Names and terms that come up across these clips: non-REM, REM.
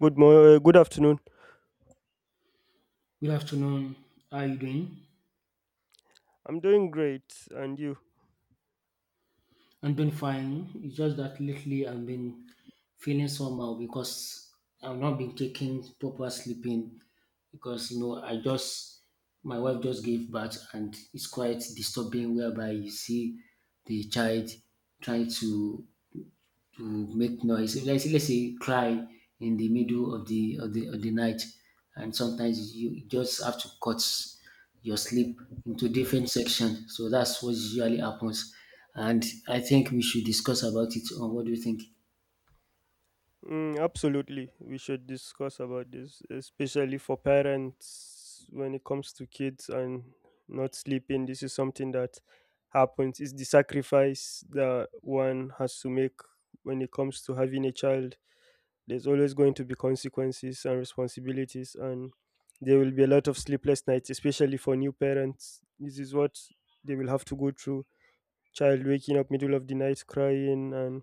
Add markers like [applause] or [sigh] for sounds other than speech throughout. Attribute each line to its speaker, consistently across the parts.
Speaker 1: Good afternoon.
Speaker 2: Good afternoon. How are you doing?
Speaker 1: I'm doing great, and you?
Speaker 2: I'm doing fine. It's just that lately I've been feeling somehow because I've not been taking proper sleeping because I just my wife just gave birth, and it's quite disturbing whereby you see the child trying to make noise. If let's say you cry in the middle of the night, and sometimes you just have to cut your sleep into different sections. So that's what usually happens. And I think we should discuss about it. On what do you think?
Speaker 1: Mm, absolutely, we should discuss about this, especially for parents when it comes to kids and not sleeping. This is something that happens. It's the sacrifice that one has to make when it comes to having a child. There's always going to be consequences and responsibilities, and there will be a lot of sleepless nights, especially for new parents. This is what they will have to go through child waking up middle of the night crying and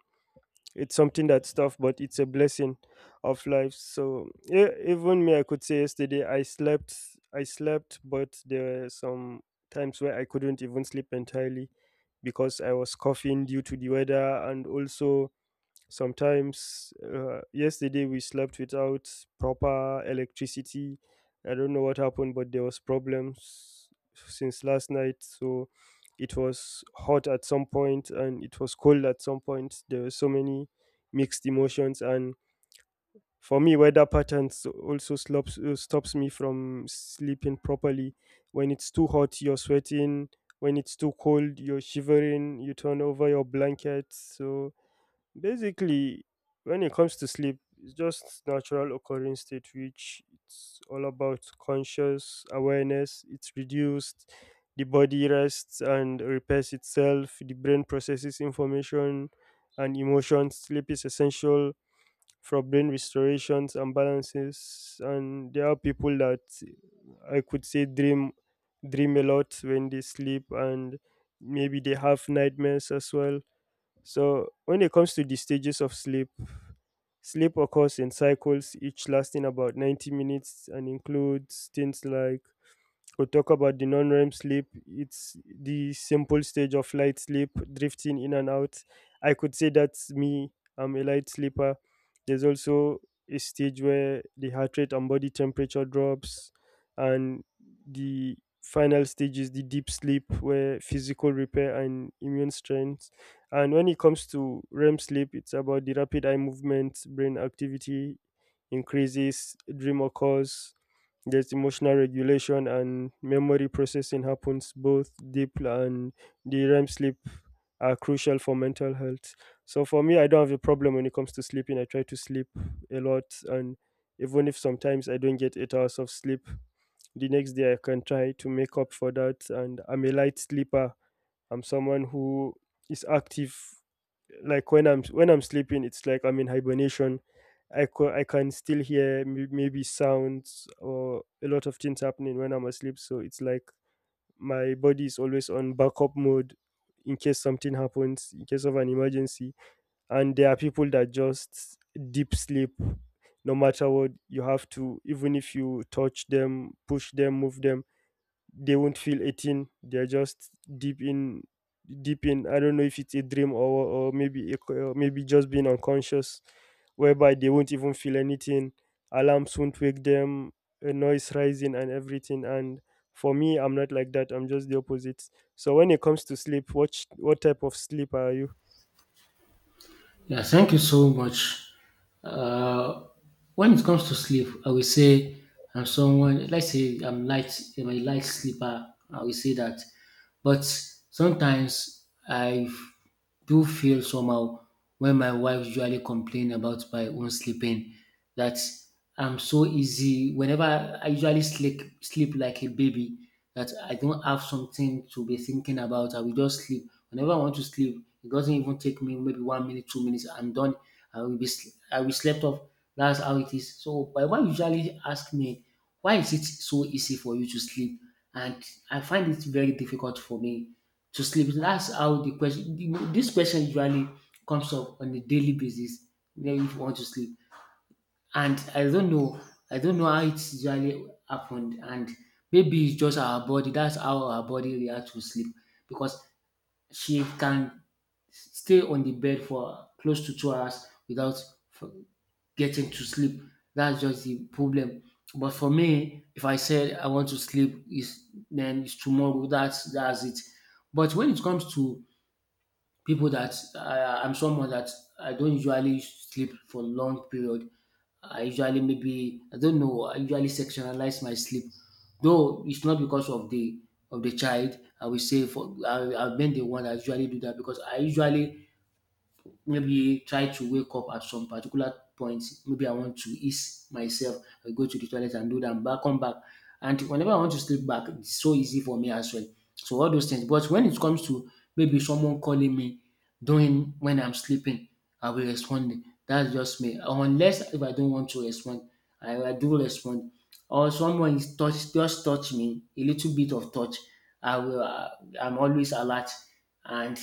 Speaker 1: it's something that's tough but it's a blessing of life. So yeah, even me, I could say yesterday I slept but there were some times where I couldn't even sleep entirely because I was coughing due to the weather, and also sometimes, yesterday we slept without proper electricity. I don't know what happened, but there was problems since last night. So it was hot at some point and it was cold at some point. There were so many mixed emotions, and for me, weather patterns also stops me from sleeping properly. When it's too hot, you're sweating. When it's too cold, you're shivering. You turn over your blankets. So basically, when it comes to sleep, it's just natural occurring state which it's all about conscious awareness. It's reduced, the body rests and repairs itself, the brain processes information and emotions. Sleep is essential for brain restorations and balances, and there are people that I could say dream a lot when they sleep, and maybe they have nightmares as well. So when it comes to the stages of sleep, sleep occurs in cycles, each lasting about 90 minutes and includes things like we talk about the non-REM sleep. It's the simple stage of light sleep, drifting in and out. I could say that's me. I'm a light sleeper. There's also a stage where the heart rate and body temperature drops, and the final stage is the deep sleep, where physical repair and immune strength. And when it comes to REM sleep, it's about the rapid eye movement, brain activity increases, dream occurs, there's emotional regulation and memory processing happens. Both deep and the REM sleep are crucial for mental health. So for me, I don't have a problem when it comes to sleeping. I try to sleep a lot, and even if sometimes I don't get 8 hours of sleep, the next day I can try to make up for that. And I'm a light sleeper. I'm someone who is active. Like when I'm sleeping, it's like I'm in hibernation. I can still hear maybe sounds or a lot of things happening when I'm asleep. So it's like my body is always on backup mode in case something happens, in case of an emergency. And there are people that just deep sleep. No matter what, you have to, even if you touch them, push them, move them, they won't feel 18. They're just deep in deep in I don't know if it's a dream, or maybe a or maybe just being unconscious, whereby they won't even feel anything. Alarms won't wake them, a noise rising and everything. And for me, I'm not like that. I'm just the opposite. So when it comes to sleep, what type of sleep are you?
Speaker 2: Yeah, thank you so much. Uh, when it comes to sleep, I will say I'm someone, let's say I'm light, I'm a light sleeper, I will say that. But sometimes I do feel somehow when my wife usually complain about my own sleeping that I'm so easy. Whenever I usually sleep like a baby, that I don't have something to be thinking about. I will just sleep. Whenever I want to sleep, it doesn't even take me maybe 1 minute, 2 minutes. I'm done. I will I will slept off. That's how it is. So my wife usually ask me, why is it so easy for you to sleep? And I find it very difficult for me to sleep. That's how the question. This question usually comes up on a daily basis. Then if you want to sleep and I don't know how it usually happened, and maybe it's just our body. That's how our body reacts to sleep because she can stay on the bed for close to 2 hours without f- getting to sleep. That's just the problem. But for me, if I said I want to sleep, is then it's tomorrow. That's it. But when it comes to people that I'm someone that I don't usually sleep for long period, I usually maybe I don't know. I usually sectionalize my sleep, though it's not because of the child. I will say for I've been the one that usually do that because I usually maybe try to wake up at some particular point. Maybe I want to ease myself, I go to the toilet and do that, and back, come back. And whenever I want to sleep back, it's so easy for me as well. So all those things. But when it comes to maybe someone calling me during when I'm sleeping, I will respond. That's just me. Unless if I don't want to respond, I do respond. Or someone is touch just touch me a little bit of touch. I will. I'm always alert, and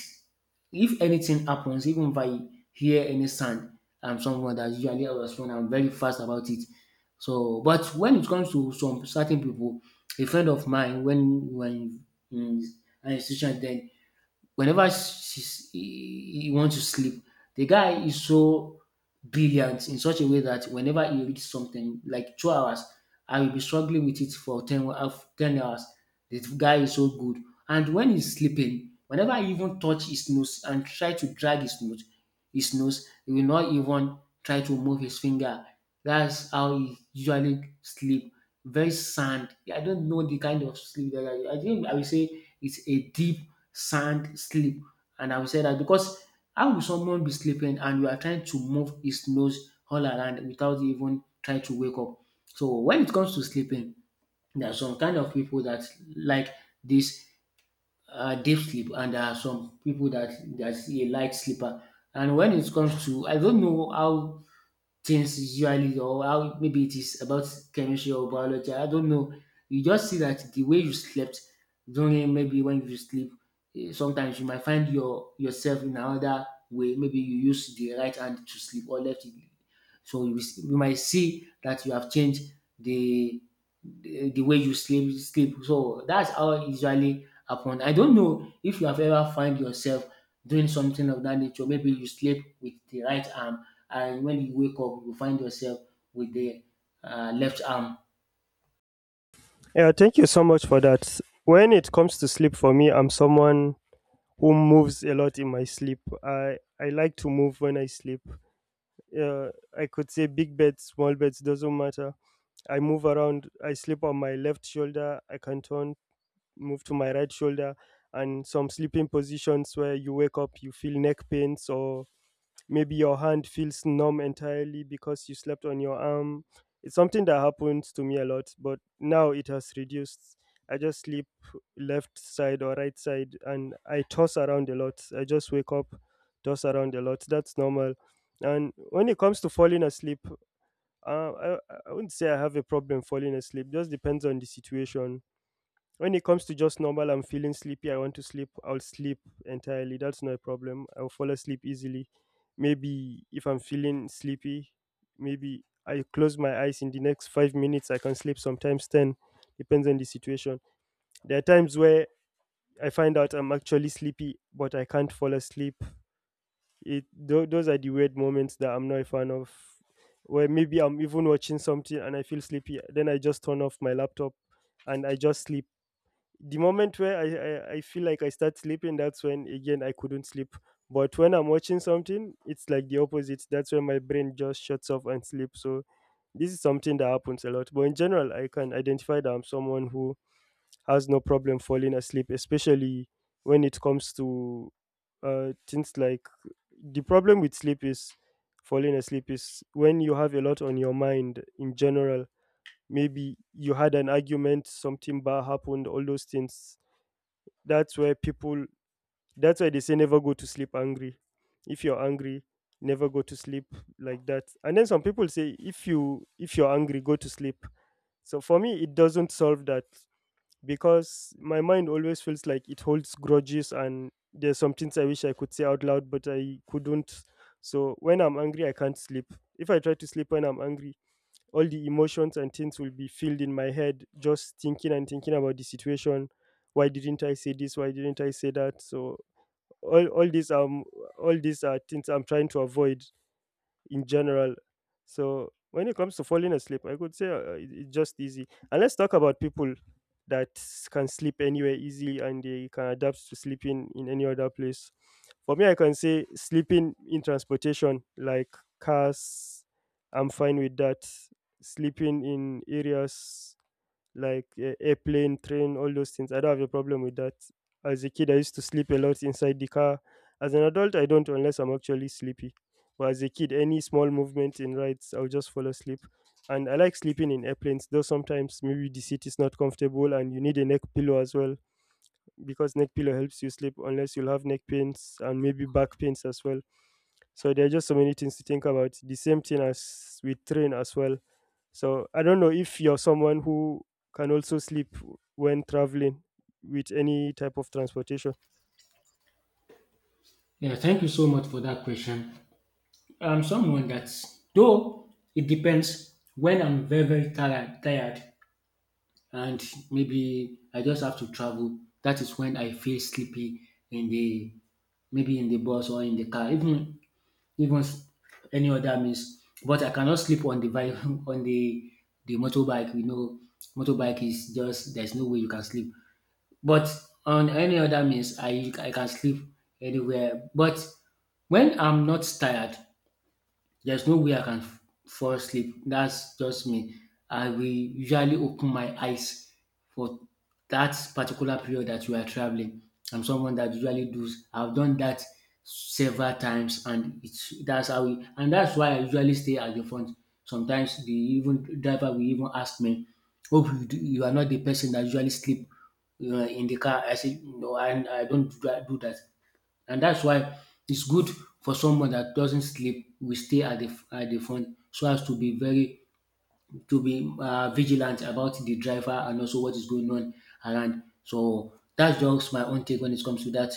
Speaker 2: if anything happens, even if I hear any sound, I'm someone that usually I respond. I'm very fast about it. So, but when it comes to some certain people, a friend of mine, when in an institution, then whenever he wants to sleep, the guy is so brilliant in such a way that whenever he reads something like 2 hours, I will be struggling with it for 10, wa- of 10 hours. The guy is so good. And when he's sleeping, whenever I even touch his nose and try to drag his nose, he will not even try to move his finger. That's how he usually sleep. Very sound. I don't know the kind of sleep that I think I will say it's a deep sleep. And I will say that because how will someone be sleeping and you are trying to move his nose all around without even trying to wake up? So when it comes to sleeping, there are some kind of people that like this deep sleep, and there are some people that a light sleeper. And when it comes to, I don't know how things usually or how maybe it is about chemistry or biology, I don't know, you just see that the way you slept during maybe when you sleep, sometimes you might find yourself in another way, maybe you use the right hand to sleep or left it. So you might see that you have changed the the way you sleep. So that's how it usually happen. I don't know if you have ever find yourself doing something of that nature, maybe you sleep with the right arm, and when you wake up you find yourself with the left arm.
Speaker 1: Yeah, thank you so much for that. When it comes to sleep, for me, I'm someone who moves a lot in my sleep. I like to move when I sleep. Uh, I could say big beds, small beds, doesn't matter. I move around. I sleep on my left shoulder. I can turn, move to my right shoulder, and some sleeping positions where you wake up, you feel neck pains or maybe your hand feels numb entirely because you slept on your arm. It's something that happens to me a lot, but now it has reduced. I just sleep left side or right side, and I toss around a lot. I just wake up, toss around a lot. That's normal. And when it comes to falling asleep, uh, I, I wouldn't say I have a problem falling asleep. Just depends on the situation. When it comes to just normal, I'm feeling sleepy, I want to sleep, I'll sleep entirely. That's not a problem. I'll fall asleep easily. Maybe if I'm feeling sleepy, maybe I close my eyes in the next 5 minutes, I can sleep sometimes 10, depends on the situation. There are times where I find out I'm actually sleepy, but I can't fall asleep. Those are the weird moments that I'm not a fan of. Where maybe I'm even watching something and I feel sleepy, then I just turn off my laptop and I just sleep. The moment where I feel like I start sleeping, that's when again I couldn't sleep. But when I'm watching something, it's like the opposite. That's when my brain just shuts off and sleeps. So this is something that happens a lot. But in general, I can identify that I'm someone who has no problem falling asleep, especially when it comes to things like the problem with sleep is falling asleep is when you have a lot on your mind in general. Maybe you had an argument, something bad happened, all those things. That's where people, that's why they say never go to sleep angry. If you're angry, never go to sleep like that. And then some people say if you if you're angry, go to sleep. So for me, it doesn't solve that because my mind always feels like it holds grudges, and there's some things I wish I could say out loud but I couldn't. So when I'm angry, I can't sleep. If I try to sleep when I'm angry, all the emotions and things will be filled in my head, just thinking and thinking about the situation. Why didn't I say this? Why didn't I say that? So all these, all these are things I'm trying to avoid in general. So when it comes to falling asleep, I could say it's just easy. And let's talk about people that can sleep anywhere easily and they can adapt to sleeping in any other place. For me, I can say sleeping in transportation, like cars, I'm fine with that. Sleeping in areas like a airplane, train, all those things. I don't have a problem with that. As a kid, I used to sleep a lot inside the car. As an adult, I don't unless I'm actually sleepy. But as a kid, any small movement in rides, I'll just fall asleep. And I like sleeping in airplanes, though sometimes maybe the seat is not comfortable and you need a neck pillow as well, because neck pillow helps you sleep unless you'll have neck pains and maybe back pains as well. So there are just so many things to think about. The same thing as with train as well. So I don't know if you're someone who can also sleep when traveling with any type of transportation.
Speaker 2: Yeah, thank you so much for that question. I'm someone that, though it depends, when I'm very, very tired, and maybe I just have to travel, that is when I feel sleepy in the maybe in the bus or in the car, even s- any other means. But I cannot sleep on the [laughs] on the motorbike. You know, motorbike is just there's no way you can sleep. But on any other means, I can sleep anywhere. But when I'm not tired, there's no way I can fall asleep. That's just me. I will usually open my eyes for that particular period that you are traveling. I'm someone that usually does. I've done that several times, and it's that's how. And that's why I usually stay at the front. Sometimes the even driver will even ask me, "Oh, you are not the person that usually sleep in the car." I say, "No, I don't do that." And that's why it's good for someone that doesn't sleep. We stay at the front so as to be very to be vigilant about the driver and also what is going on around. So that's just my own take when it comes to that.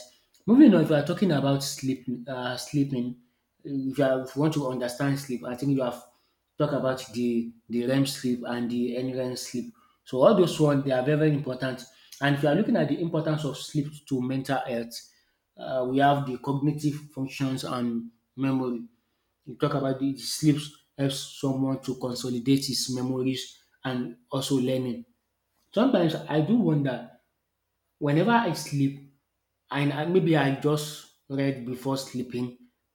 Speaker 2: Moving on, if you are talking about sleep, sleeping, if you want to understand sleep, I think you have talked about the REM sleep and the NREM sleep. So all those ones they are very very important. And if you are looking at the importance of sleep to mental health, we have the cognitive functions and memory. You talk about the sleep helps someone to consolidate his memories and also learning. Sometimes I do wonder whenever I sleep, and I maybe I just read before sleeping,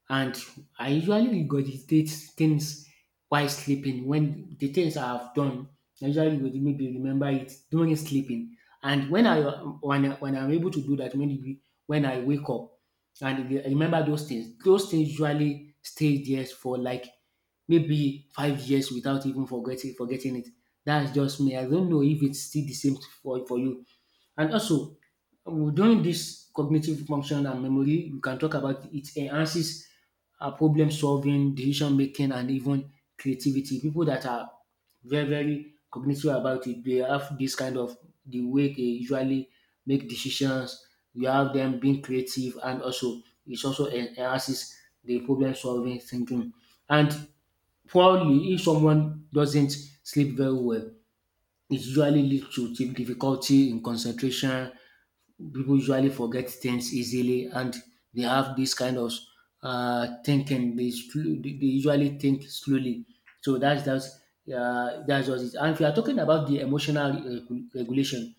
Speaker 2: and I usually regurgitate things while sleeping when the things I have done I usually would maybe remember it during sleeping. And when when I'm able to do that, maybe when I wake up and remember those things, those things usually stay there for like maybe 5 years without even forgetting it. That's just me. I don't know if it's still the same for you. And also during this cognitive function and memory, we can talk about it enhances problem solving, decision making, and even creativity. People that are very, very cognitive about it, they have this kind of the way they usually make decisions. You have them being creative, and also it also enhances the problem solving thinking. And probably, if someone doesn't sleep very well, it usually leads to difficulty in concentration. People usually forget things easily, and they have this kind of thinking. They usually think slowly. So that's just it. And if you are talking about the emotional regulation,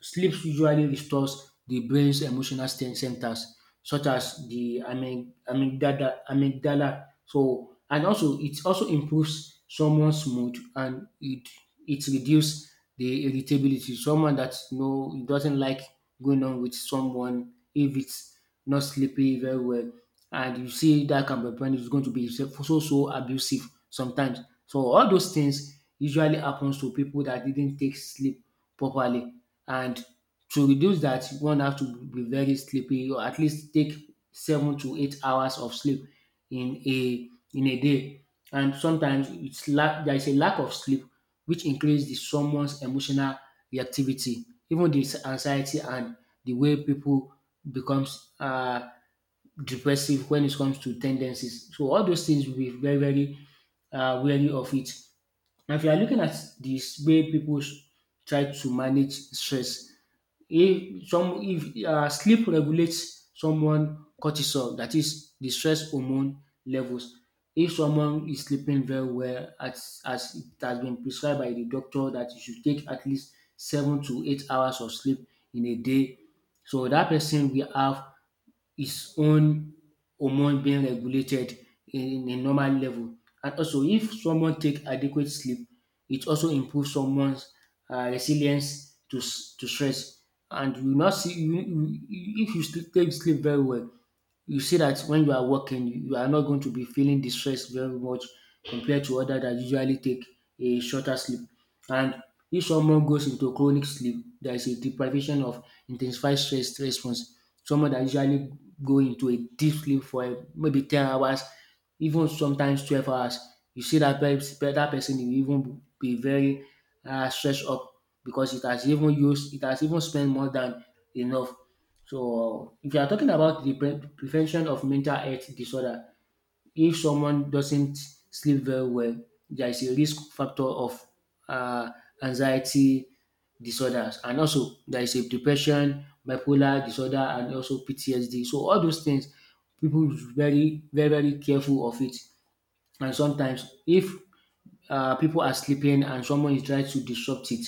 Speaker 2: sleep usually restores the brain's emotional centers, such as the amygdala. So, and also it also improves someone's mood and it reduces the irritability. Someone that you know doesn't like going on with someone if it's not sleeping very well, and you see that can be when it's going to be so abusive sometimes. So all those things usually happens to people that didn't take sleep properly. And to reduce that, one have to be very sleepy or at least take 7 to 8 hours of sleep in a day. And sometimes it's lack there is a lack of sleep which increases the someone's emotional reactivity, even the anxiety and the way people becomes depressive when it comes to tendencies. So all those things will be very wary of it. And if you are looking at this way people try to manage stress, if sleep regulates someone cortisol, that is the stress hormone levels. If someone is sleeping very well, as it has been prescribed by the doctor, that you should take at least 7 to 8 hours of sleep in a day. So that person will have his own hormone being regulated in a normal level. And also, if someone take adequate sleep, it also improves someone's resilience to to stress. And you not see you- if you still take sleep very well, you see that when you are working, you are not going to be feeling the stress very much compared to others that usually take a shorter sleep. And if someone goes into chronic sleep, there is a deprivation of intensified stress response. Someone that usually go into a deep sleep for maybe 10 hours, even sometimes 12 hours. You see dat pers that person e even be very stressed up because it has even spent more than enough. So if you are talking about the prevention of mental health disorder, if someone doesn't sleep very well, there is a risk factor of uh, anxiety disorders, and also there is a depression, bipolar disorder, and also PTSD. So all those things, people is very careful of it. And sometimes, if people are sleeping and someone is trying to disrupt it,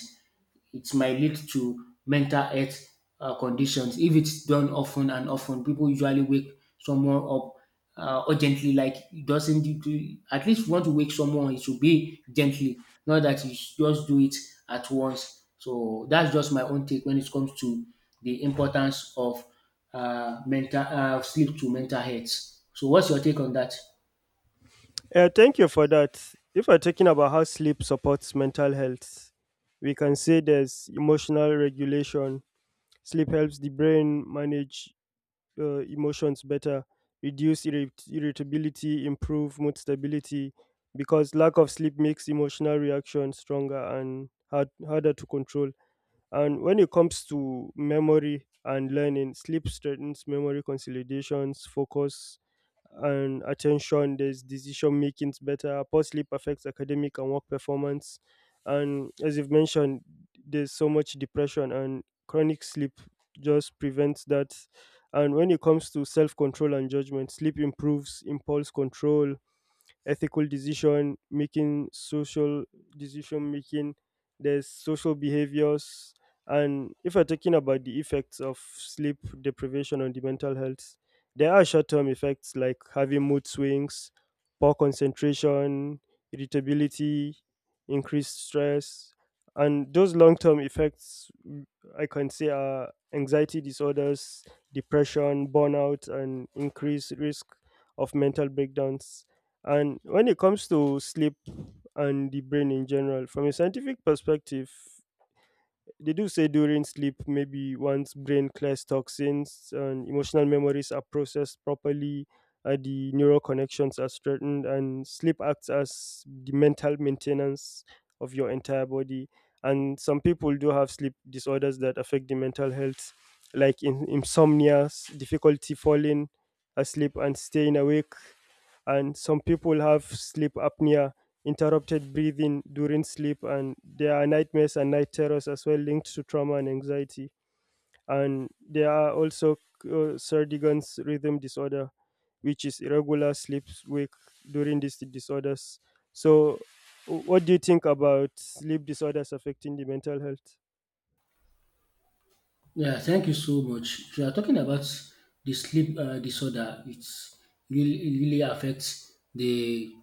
Speaker 2: it might lead to mental health conditions if it's done often and often. People usually wake someone up urgently, like it doesn't. At least if you want to wake someone, it should be gently, not that you just do it at once. So that's just my own take when it comes to the importance of mental sleep to mental health. So what's your take on that?
Speaker 1: Thank you for that. If we're talking about how sleep supports mental health, we can say there's emotional regulation. Sleep helps the brain manage emotions better, reduce irritability, improve mood stability, because lack of sleep makes emotional reactions stronger and harder to control. And when it comes to memory and learning, sleep strengthens memory consolidations, focus, and attention. There's decision making better. Poor sleep affects academic and work performance. And as you've mentioned, there's so much depression, and chronic sleep just prevents that. And when it comes to self control and judgment, sleep improves impulse control, ethical decision making, social decision making, there's social behaviors. And if we're talking about the effects of sleep deprivation on the mental health, there are short term effects like having mood swings, poor concentration, irritability, increased stress. And those long term effects, mm, I can say, are anxiety disorders, depression, burnout, and increased risk of mental breakdowns. And when it comes to sleep and the brain in general, from a scientific perspective, they do say during sleep, maybe once brain clears toxins and emotional memories are processed properly, the neural connections are strengthened, and sleep acts as the mental maintenance of your entire body. And some people do have sleep disorders that affect the mental health, like insomnia, difficulty falling asleep and staying awake. And some people have sleep apnea, interrupted breathing during sleep, and there are nightmares and night terrors as well, linked to trauma and anxiety. And there are also Sardigan's rhythm disorder, which is irregular sleep wake during these disorders. So what do you think about sleep disorders affecting the mental health?
Speaker 2: Yeah, thank you so much. If you are talking about the sleep disorder, it really affects the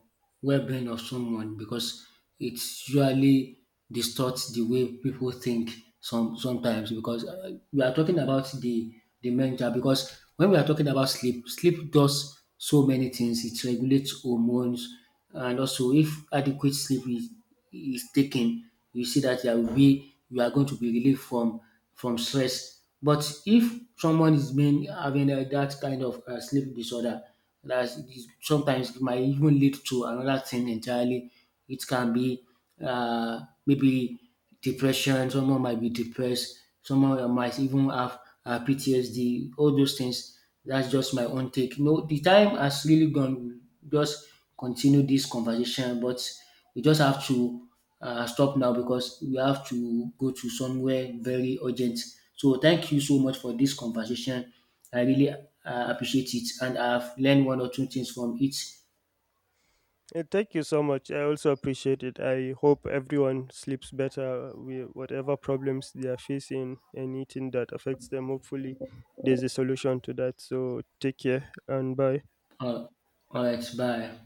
Speaker 2: well-being of someone because it usually distorts the way people think sometimes because we are talking about the mental because when we are talking about sleep, sleep does so many things. It regulates hormones, and also if adequate sleep is taken, you see that there will be you are going to be relieved from stress. But if someone is being having that kind of sleep disorder, that is- sometimes it might even lead to another thing entirely. It can be maybe depression. Someone might be depressed. Someone might even have PTSD. All those things. That's just my own take. No, the time has really gone. Just continue this conversation, but we just have to stop now because we have to go to somewhere very urgent. So thank you so much for this conversation. I really appreciate it, and I've learned one or two things from it.
Speaker 1: Thank you so much. I also appreciate it. I hope everyone sleeps better with whatever problems they are facing, anything that affects them. Hopefully, there's a solution to that. So, take care and bye.
Speaker 2: Uh, all right, bye.